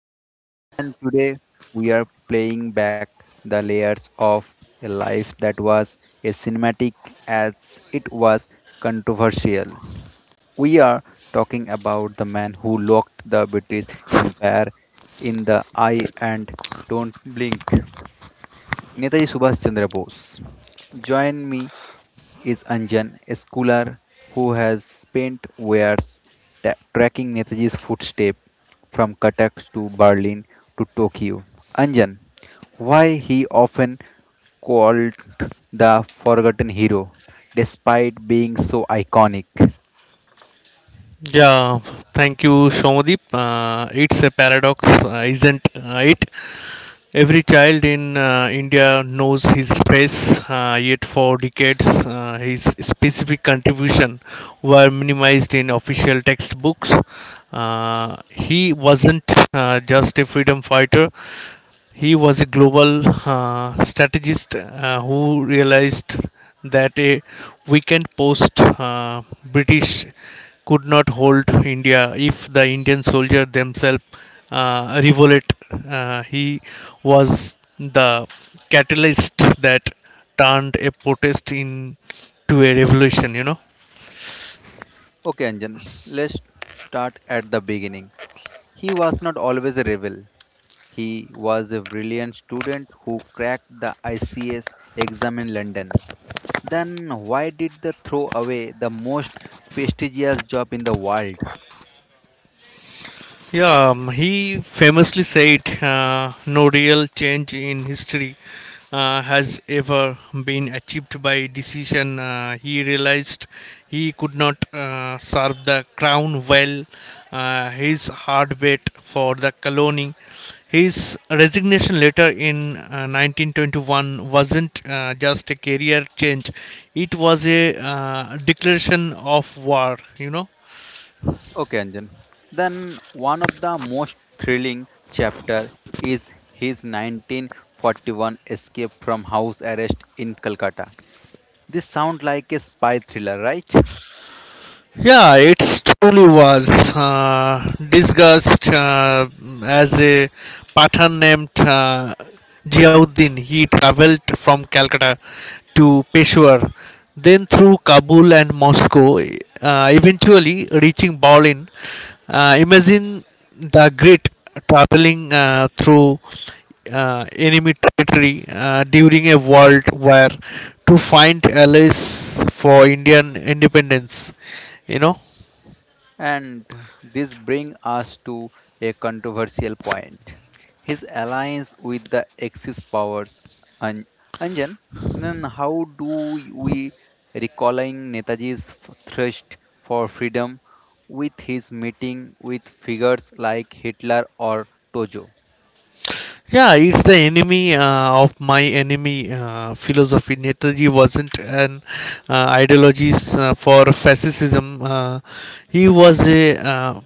Somo, and today we are playing back the layers of a life that was as cinematic as it was controversial. We are talking about the man who looked the British Empire in the eye and don't blink. Netaji Subhash Chandra Bose. Join me is Anjan, a scholar who has spent years tracking Netaji's footsteps from Cuttack to Berlin to Tokyo. Anjan, why he often called the forgotten hero despite being so iconic. Yeah, thank you, Shomadeep. It's a paradox, isn't it? Every child in India knows his race, yet for decades, his specific contribution were minimized in official textbooks. He wasn't just a freedom fighter; he was a global strategist who realized that a weekend post British could not hold India if the Indian soldier themselves revolt. He was the catalyst that turned a protest into a revolution. Okay, Anjan, let's start at the beginning. He was not always a rebel. He was a brilliant student who cracked the ICS exam in London. Then why did they throw away the most prestigious job in the world? Yeah, he famously said, "No real change in history has ever been achieved by decision." He realized he could not serve the crown well. His hard bet for the colony. His resignation letter in 1921 wasn't just a career change; it was a declaration of war. You know. Okay, Anjan. Then one of the most thrilling chapter is his 1941 escape from house arrest in Calcutta. This sounds like a spy thriller, right? Yeah, it's truly was discussed as a Pathan named Jiauddin. He traveled from Calcutta to Peshawar, then through Kabul and Moscow, eventually reaching Berlin. Imagine the great traveling through enemy territory during a world war to find allies for Indian independence. You know, And this brings us to a controversial point. His alliance with the Axis powers. An- Anjan, then how do we recalling Netaji's thirst for freedom with his meeting with figures like Hitler or Tojo? yeah, it's the enemy of my enemy philosophy. Netaji wasn't an ideologist for fascism. He was a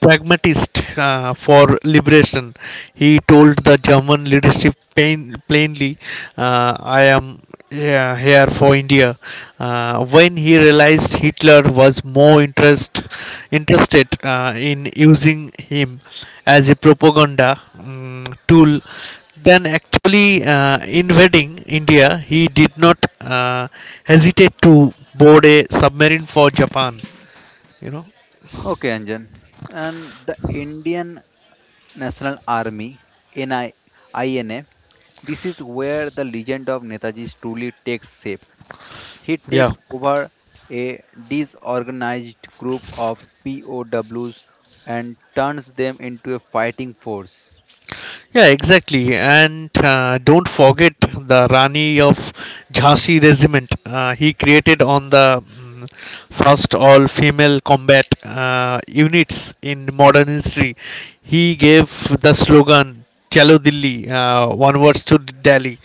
pragmatist for liberation. He told the German leadership plainly, I am, yeah, here for India. When he realized Hitler was more interested in using him as a propaganda tool than actually invading India, he did not hesitate to board a submarine for Japan. You know? Okay, Anjan. And the Indian National Army, NI, INA, this is where the legend of Netaji truly takes shape. He Yeah. takes over a disorganized group of POWs and turns them into a fighting force. Yeah, exactly. And don't forget the Rani of Jhansi regiment he created on the first all female combat units in modern history. He gave the slogan Chalo Dilli, onwards to Delhi,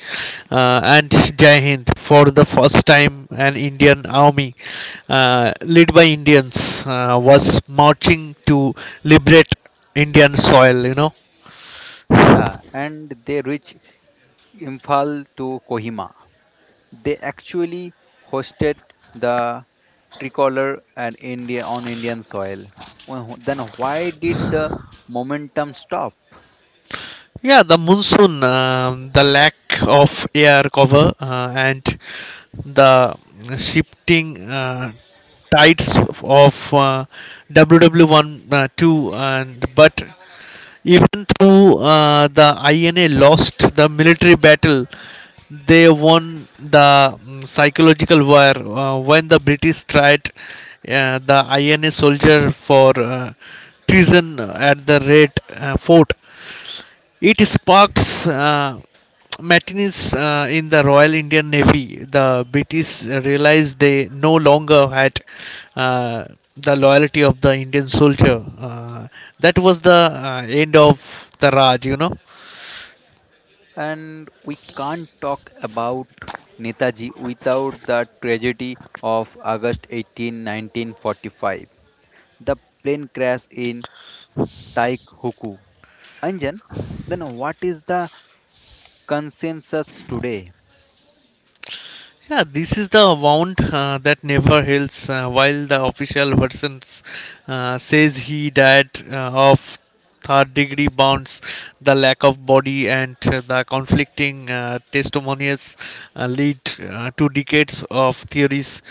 and Jai Hind. For the first time, an Indian army led by Indians was marching to liberate Indian soil. Yeah, and they reach Imphal to Kohima. They actually hosted the tricolor and India on Indian soil. Well, then why did the momentum stop? Yeah, the monsoon, the lack of air cover, and the shifting tides of WW1 2. And but even though the INA lost the military battle, they won the psychological war when the British tried the INA soldier for treason at the Red Fort. It sparked mutinies in the Royal Indian Navy. The British realized they no longer had uh, the loyalty of the Indian soldier. That was the end of the Raj. And we can't talk about Netaji without the tragedy of August 18, 1945, the plane crash in Taikhuku. Anjan, then what is the consensus today? Yeah, this is the amount that never heals. While the official version says he died of third degree burns, the lack of body and the conflicting testimonies lead to decades of theories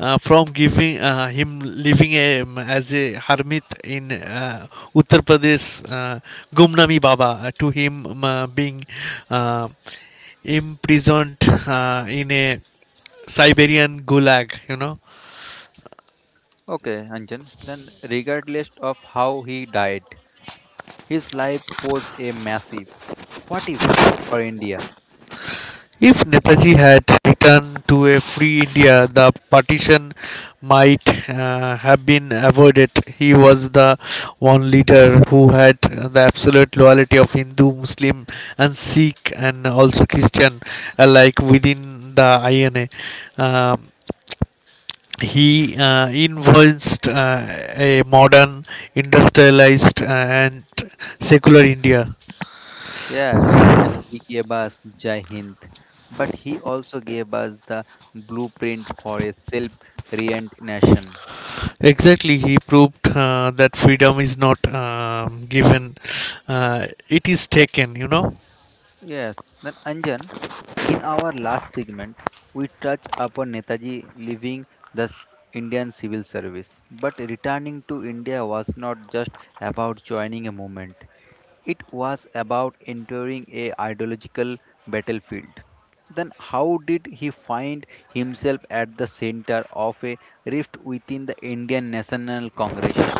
from giving him living as a hermit in Uttar Pradesh, Gumnami Baba, to him being uh, imprisoned in a Siberian Gulag. Okay, Anjan, then regardless of how he died, his life was a massive what if for India. If Netaji had returned to a free India, the partition might have been avoided. He was the one leader who had the absolute loyalty of Hindu, Muslim, and Sikh, and also Christian alike within the INA. Um, he influenced a modern industrialized and secular India. Yes, and he gave us Jai Hind, but he also gave us the blueprint for a self-reliant nation. Exactly, he proved that freedom is not given, it is taken. Yes, then Anjan, in our last segment, we touch upon Netaji leaving the Indian civil service. But returning to India was not just about joining a movement, it was about entering a ideological battlefield. Then how did he find himself at the center of a rift within the Indian National Congress?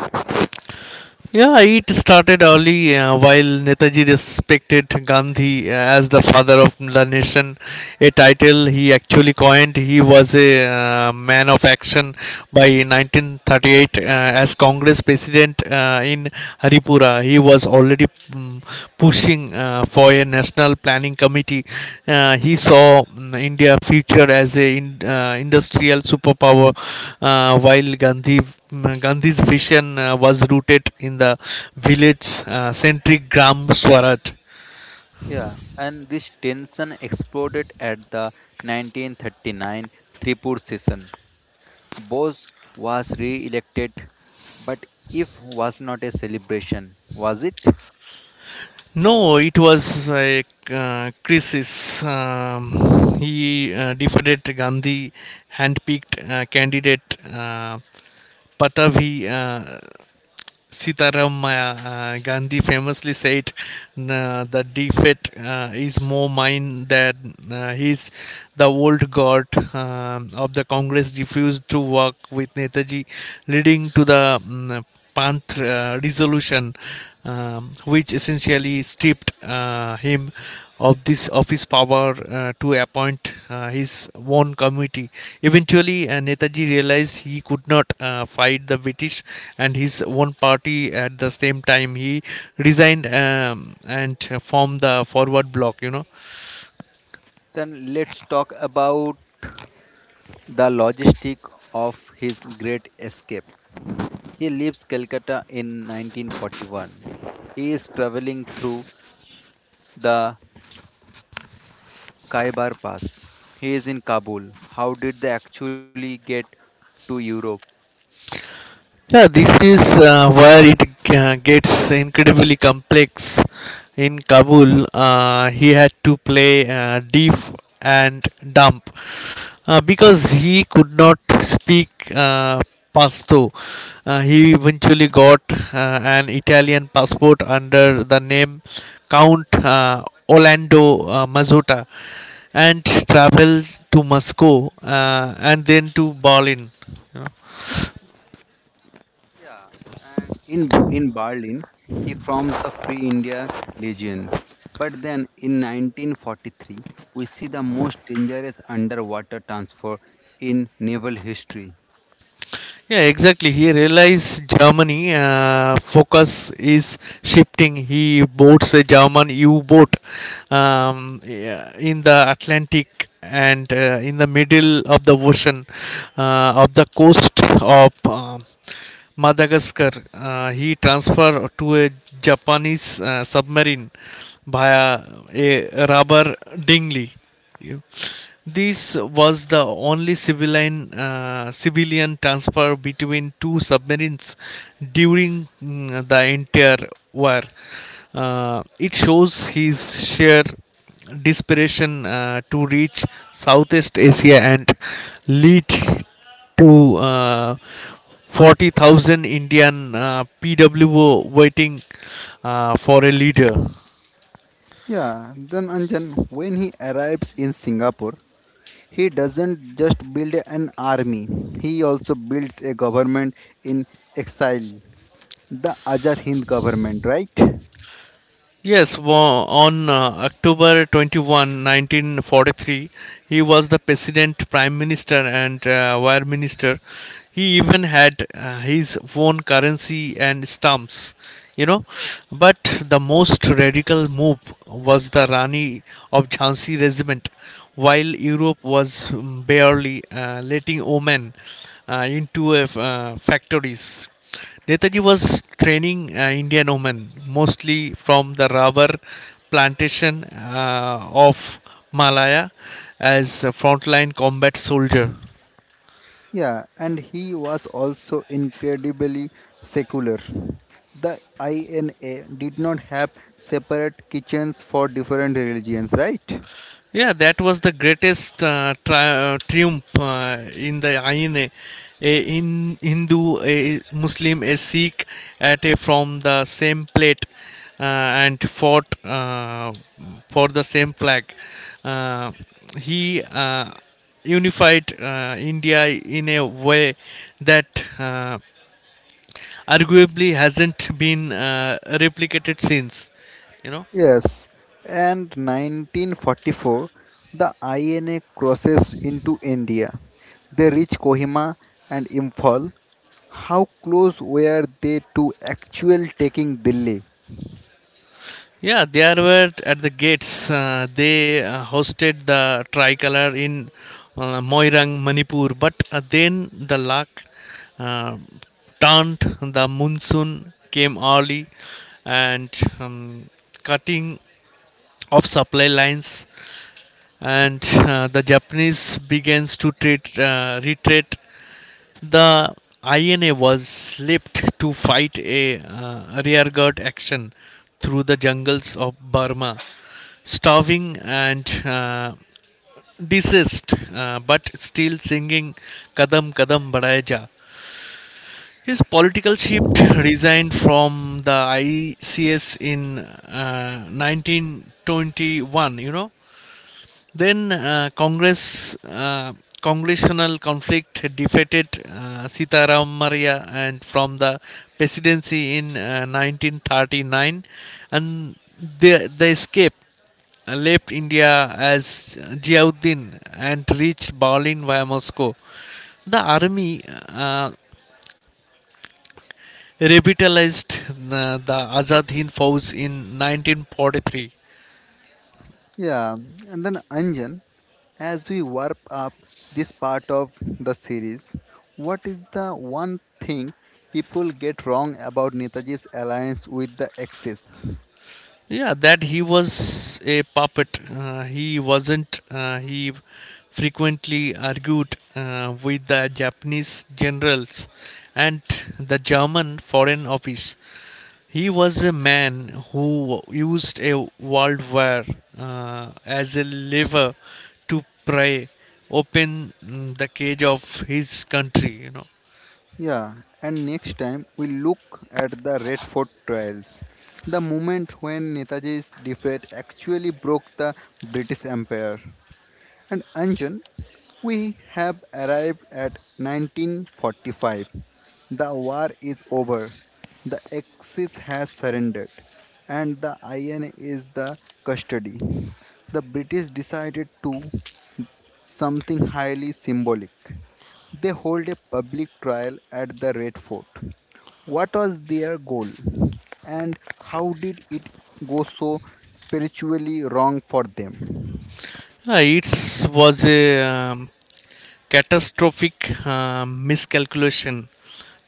Yeah, it started early. While Netaji respected Gandhi as the father of the nation, a title he actually coined, he was a man of action by 1938 as Congress president in Haripura. He was already mm, pushing for a national planning committee. He saw India future as a industrial superpower, while Gandhi's vision was rooted in the village centric Gram Swaraj. Yeah, and this tension exploded at the 1939 Tripur session. Bose was re-elected, but if was not a celebration, was it? No, it was a crisis. He defeated Gandhi, handpicked candidate, Patavi Sitaram. Gandhi famously said, "Nah, "The defeat is more mine than his." The old guard of the Congress refused to work with Netaji, leading to the Panth resolution, which essentially stripped him of his power to appoint his own committee. Eventually, Netaji realized he could not fight the British and his own party at the same time. He resigned and formed the Forward Bloc. Then let's talk about the logistic of his great escape. He leaves Calcutta in 1941. He is traveling through the Khyber Pass. He is in Kabul. How did they actually get to Europe? Yeah, this is where it gets incredibly complex. In Kabul, he had to play deaf and dumb because he could not speak uh, Pashto. He eventually got an Italian passport under the name Count Orlando Mazzotta and traveled to Moscow and then to Berlin. Yeah, and in Berlin, he forms the Free India Legion. But then, in 1943, we see the most dangerous underwater transfer in naval history. Yeah, exactly. He realized Germany focus is shifting. He boards a German U-boat yeah, in the Atlantic and in the middle of the ocean of the coast of Madagascar. He transferred to a Japanese submarine via a rubber dinghy. This was the only civilian transfer between two submarines during the entire war. It shows his sheer desperation to reach Southeast Asia and lead to 40,000 Indian PWO waiting for a leader. Yeah, then Anjan, when he arrives in Singapore, he doesn't just build an army, he also builds a government in exile, the Azad Hind government, right? Yes, on October 21, 1943, he was the president, prime minister, and wire minister. He even had his own currency and stamps, you know. But the most radical move was the Rani of Jhansi regiment. While Europe was barely letting women into factories, Netaji was training Indian women mostly from the rubber plantation of Malaya as a frontline combat soldier. Yeah, and he was also incredibly secular. The INA did not have separate kitchens for different religions, right? Yeah, that was the greatest triumph in the Aine. A in Hindu, a Muslim, a Sikh at a from the same plate uh, and fought for the same flag. Uh, he unified India in a way that arguably hasn't been replicated since. You know. Yes, and 1944, the INA crosses into India. They reach Kohima and Imphal. How close were they to actual taking Delhi? Yeah, they were at the gates. They hosted the tricolor in Moirang, Manipur, but then the luck uh, turned. The monsoon came early and um, cutting of supply lines, and the Japanese begins to retreat. The INA was slipped to fight a rearguard action through the jungles of Burma, starving and deceased, but still singing Kadam Kadam Badhaya Ja. His political shift resigned from the ICS in 1921, Then congressional conflict defeated Sitaram Maria and from the presidency in 1939 and the escape left India as Ziauddin and reached Berlin via Moscow. The army uh, revitalized the Azad Hind Fauj in 1943. Yeah, and then Anjan, as we wrap up this part of the series, what is the one thing people get wrong about Netaji's alliance with the Axis? Yeah, that he was a puppet. He wasn't. He frequently argued with the Japanese generals and the German Foreign Office. He was a man who used a revolver as a lever to pry open the cage of his country. Yeah, and next time we look at the Red Fort trials, the moment when Netaji's defeat actually broke the British Empire. And Anjan, we have arrived at 1945. The war is over. The Axis has surrendered, and the IN is the custody. The British decided to something highly symbolic. They hold a public trial at the Red Fort. What was their goal, and how did it go so spiritually wrong for them? It was a catastrophic miscalculation.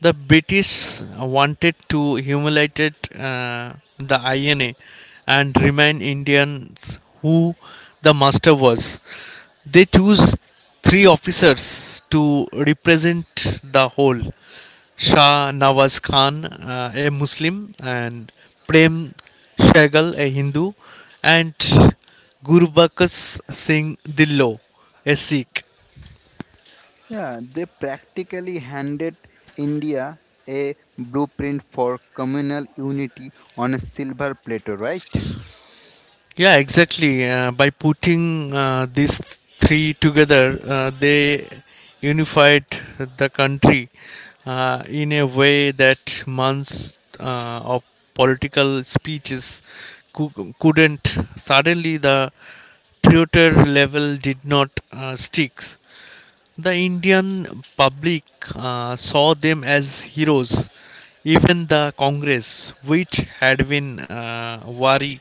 The British wanted to humiliate the INA and remind Indians who the master was. They choose three officers to represent the whole: Shah Nawaz Khan, a Muslim, and Prem Shaigal, a Hindu, and Gurbaksh Singh Dillo, a Sikh. Yeah, they practically handed India a blueprint for communal unity on a silver platter, right? Yeah, exactly. By putting these three together, they unified the country in a way that months of political speeches couldn't. Suddenly, the traitor level did not stick. The Indian public saw them as heroes. Even the Congress, which had been wary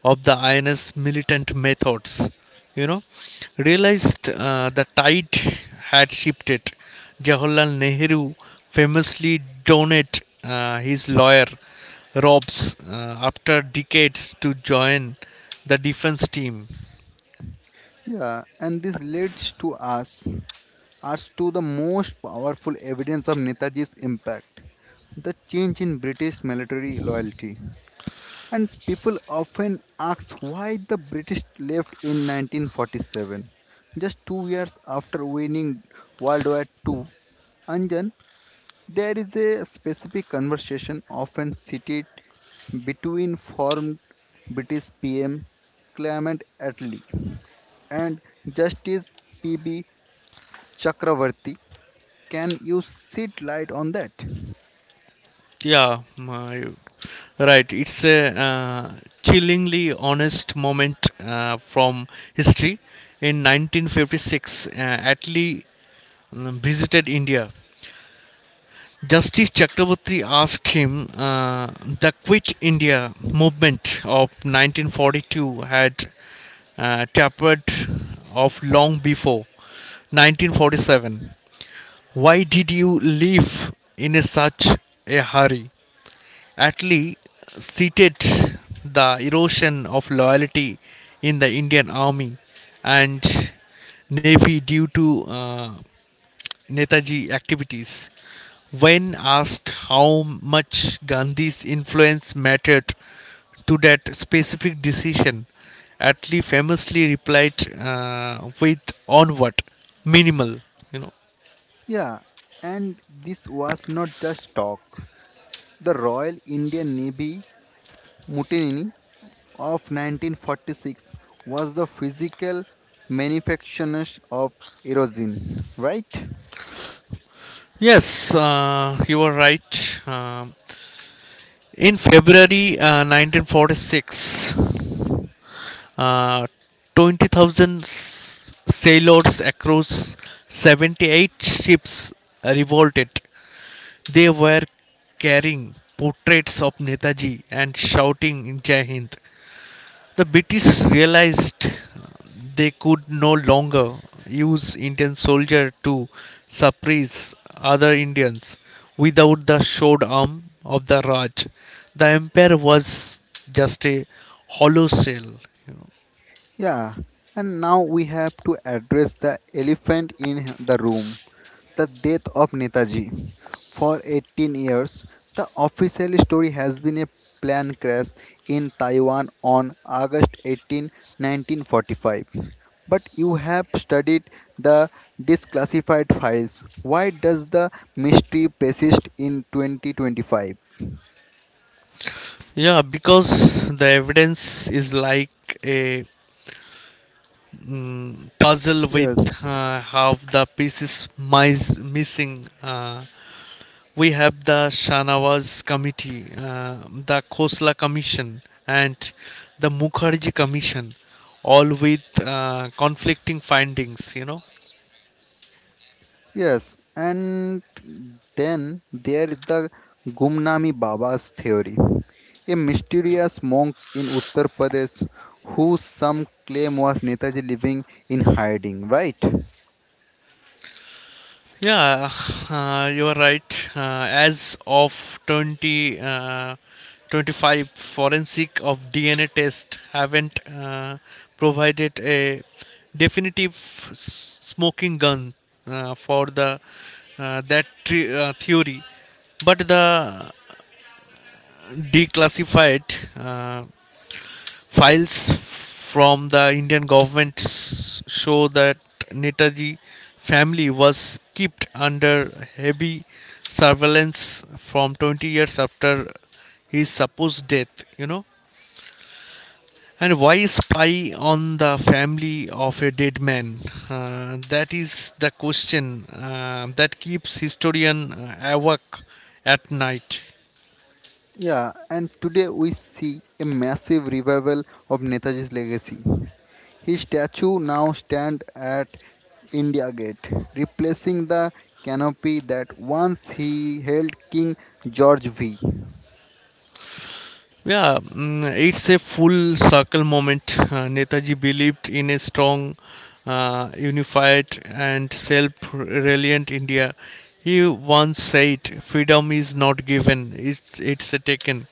of the INS militant methods, you know, realized the tide had shifted. Jawaharlal Nehru famously donated his lawyer Robs after decades to join the defense team. Yeah, and this leads to us to the most powerful evidence of Netaji's impact, the change in British military loyalty. And people often ask why the British left in 1947, just 2 years after winning World War II. Anjan, there is a specific conversation often seated between former British PM Clement Attlee and Justice PB Chakravarti. Can you shed light on that? Yeah, my, right. It's a chillingly honest moment from history. In 1956, Atlee visited India. Justice Chakraborty asked him, the Quit India movement of 1942 had tapered off long before 1947. Why did you leave in a such a hurry? Atlee cited the erosion of loyalty in the Indian Army and Navy due to Netaji activities. When asked how much Gandhi's influence mattered to that specific decision, Atlee famously replied with onward, minimal, you know. Yeah, and this was not just talk. The Royal Indian Navy mutiny of 1946 was the physical manifestation of erosion, right? Yes, you are right. In February 1946, uh, 20,000 sailors across 78 ships revolted. They were carrying portraits of Netaji and shouting Jai Hind. The British realized they could no longer use Indian soldiers to suppress other Indians without the sword arm of the Raj. The empire was just a hollow shell. You know. Yeah, and now we have to address the elephant in the room, the death of Netaji. For 18 years, the official story has been a plane crash in Taiwan on August 18, 1945. But you have studied the disclassified files. Why does the mystery persist in 2025? Yeah, because the evidence is like a puzzle with Yes, half the pieces missing. We have the Shanawaz Committee, the Khosla Commission, and the Mukherjee Commission, all with conflicting findings. Yes, and then there is the Gumnami Baba's theory, a mysterious monk in Uttar Pradesh who some claim was Netaji living in hiding, right? Yeah, you are right. As of 20, 25, forensic of DNA test haven't provided a definitive smoking gun for the that tre- theory, but the declassified uh, files from the Indian government show that Netaji family was kept under heavy surveillance from 20 years after his supposed death. And why spy on the family of a dead man? That is the question that keeps historian awake at night. Yeah, and today we see a massive revival of Netaji's legacy. His statue now stands at India Gate, replacing the canopy that once he held King George V. Yeah, it's a full circle moment. Netaji believed in a strong, unified, and self reliant India. He once said, "Freedom is not given, it's taken."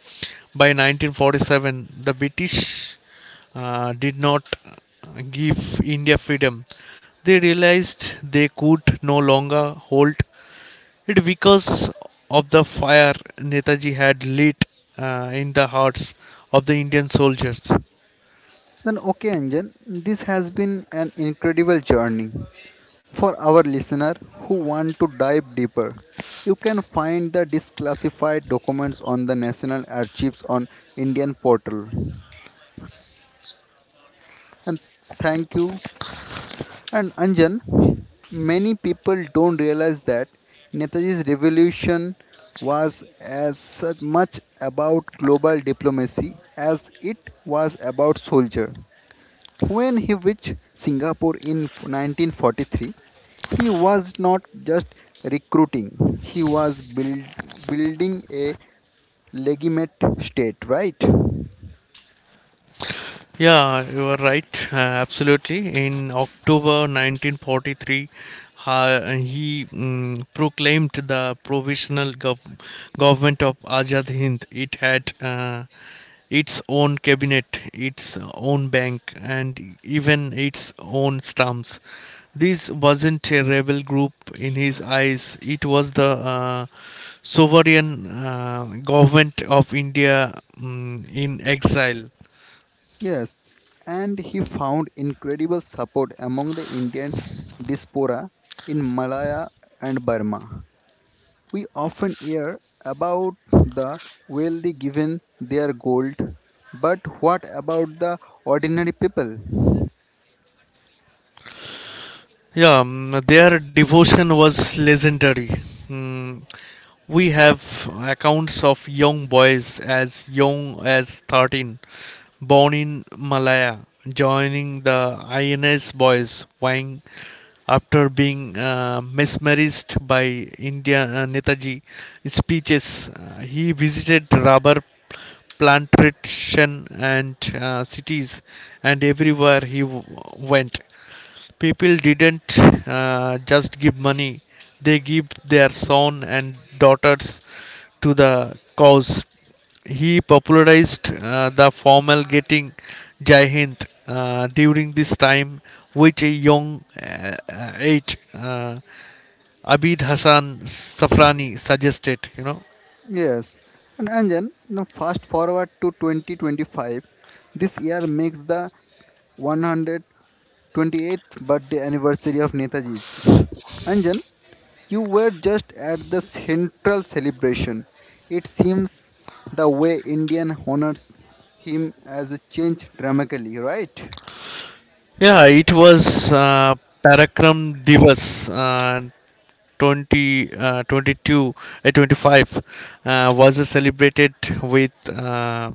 By 1947, the British did not give India freedom. They realized they could no longer hold it because of the fire Netaji had lit in the hearts of the Indian soldiers. Then, okay, Anjan, this has been an incredible journey. For our listener who want to dive deeper, you can find the declassified documents on the National Archives on Indian portal. And thank you. And Anjan, many people don't realize that Netaji's revolution was as such much about global diplomacy as it was about soldier. When he reached Singapore in 1943, he was not just recruiting, he was building a legitimate state, right? Yeah, you are right. Absolutely. In October 1943, he proclaimed the provisional government of Azad Hind. It had its own cabinet, its own bank, and even its own stamps. This wasn't a rebel group in his eyes. It was the sovereign government of India, in exile. Yes, and he found incredible support among the Indian diaspora in Malaya and Burma. We often hear about the wealthy given their gold, but what about the ordinary people? Yeah, their devotion was legendary. Mm, we have accounts of young boys as young as 13, born in Malaya, joining the INS boys wing after being mesmerized by India Netaji speeches. He visited rubber plantation and cities, and everywhere he went, people didn't just give money, they give their son and daughters to the cause. He popularized the formal getting Jai Hind during this time, which a young age uh, Abid Hassan Safrani suggested. Yes, and Anjan, now fast forward to 2025. This year makes the 128th birthday anniversary of Netaji's. Anjan, you were just at the central celebration. It seems the way Indian honors him has changed dramatically, right? Yeah, it was uh, Parakram Divas 20, 22, 25, was celebrated with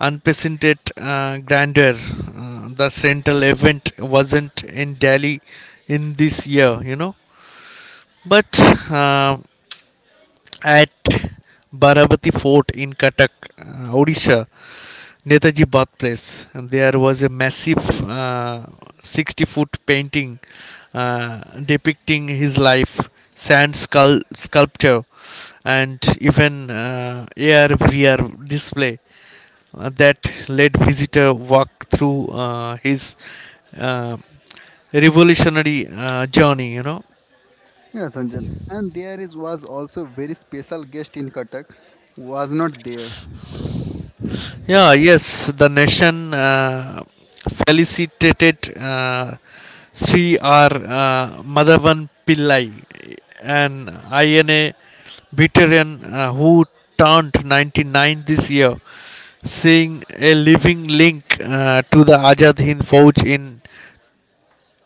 unprecedented grandeur. The central event wasn't in Delhi in this year, but uh, at Baravati Fort in Katak, Odisha, Netaji birthplace. And there was a massive uh, 60-foot foot painting uh, depicting his life, sand sculpture, and even AR VR display that let visitor walk through his uh, revolutionary journey. Yes, Anjan. And there is was also very special guest in Katak was not there. Yeah, yes, the nation felicitated Sri R. Madhavan Pillai, an INA veteran who turned 99 this year. Seeing a living link to the Ajad Hind Fauj in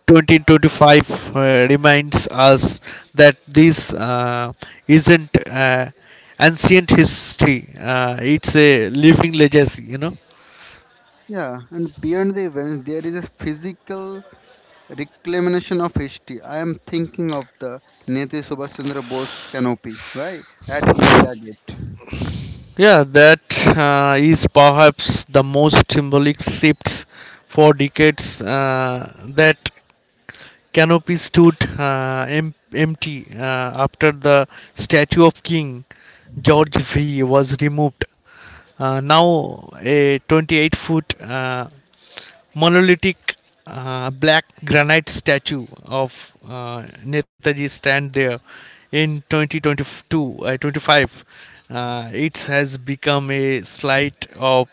2025 reminds us that this isn't ancient history, it's a living legacy. Yeah, and beyond the events, there is a physical reclamation of history. I am thinking of the Netaji Subhash Chandra Bose canopy, right, at India Gate. Yeah, that is perhaps the most symbolic shift. For decades that canopy stood empty after the statue of King George V was removed. Now, a 28 foot monolithic black granite statue of Netaji stand there in 2022, 25. It has become a site of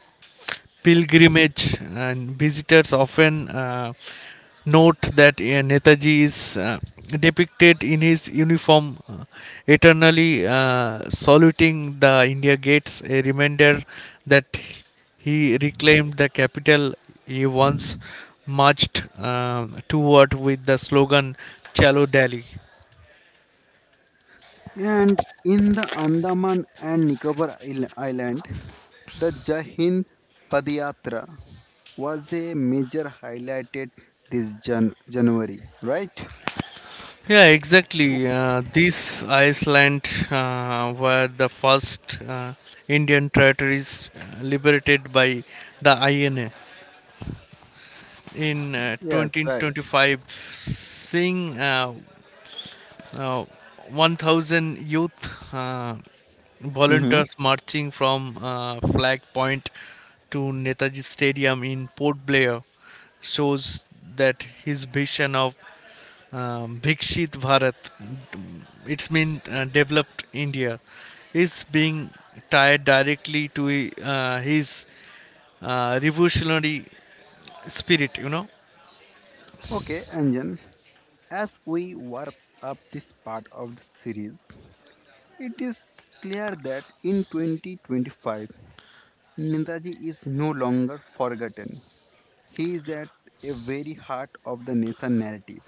pilgrimage, and visitors often note that Netaji is depicted in his uniform, eternally saluting the India gates, a reminder that he reclaimed the capital he once marched toward with the slogan "Chalo Delhi." And in the Andaman and Nicobar Island, the Jahin Padiyatra was a major highlighted this January, right? Yeah, O- exactly. These islands were the first Indian territories liberated by the INA. In Yes, right. 2025, Singh Uh, 1,000 youth uh, Mm-hmm. volunteers marching from Flag Point to Netaji Stadium in Port Blair shows that his vision of Bhikshit Bharat, it's mean developed India, is being tied directly to his revolutionary spirit. Okay, Anjan, as we warp up this part of the series, it is clear that in 2025, Netaji is no longer forgotten. He is at a very heart of the nation narrative.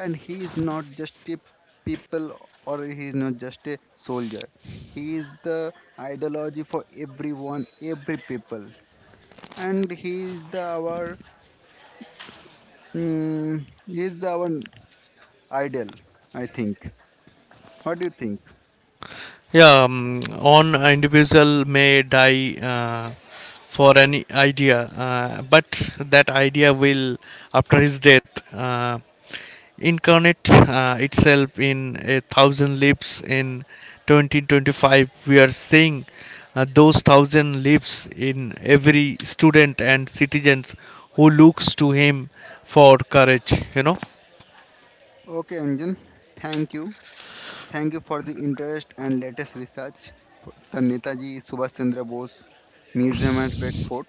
And he is not just a people or he is not just a soldier. He is the ideology for everyone, every people. And he is the our mm, he is the our idol, I think. What do you think? Yeah, on individual may die for any idea, but that idea will, after his death, incarnate itself in a thousand leaves. In 2025, we are seeing those thousand leaves in every student and citizens who looks to him for courage. Okay, Anjan. Thank you. Thank you for the interest and latest research. For The Netaji Subhash Chandra Bose Museum and Red Fort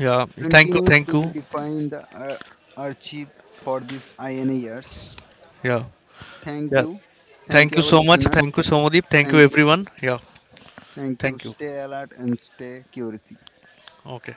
Yeah. Thank you. continues Thank to be you. defined the archive for these INA years. Yeah. Thank Yeah. you. Thank Thank you, you our so much. listeners. Thank you, Somadeep. Thank you, Thank you. everyone. Yeah, Thank you. thank you. Stay alert and stay curious. Okay.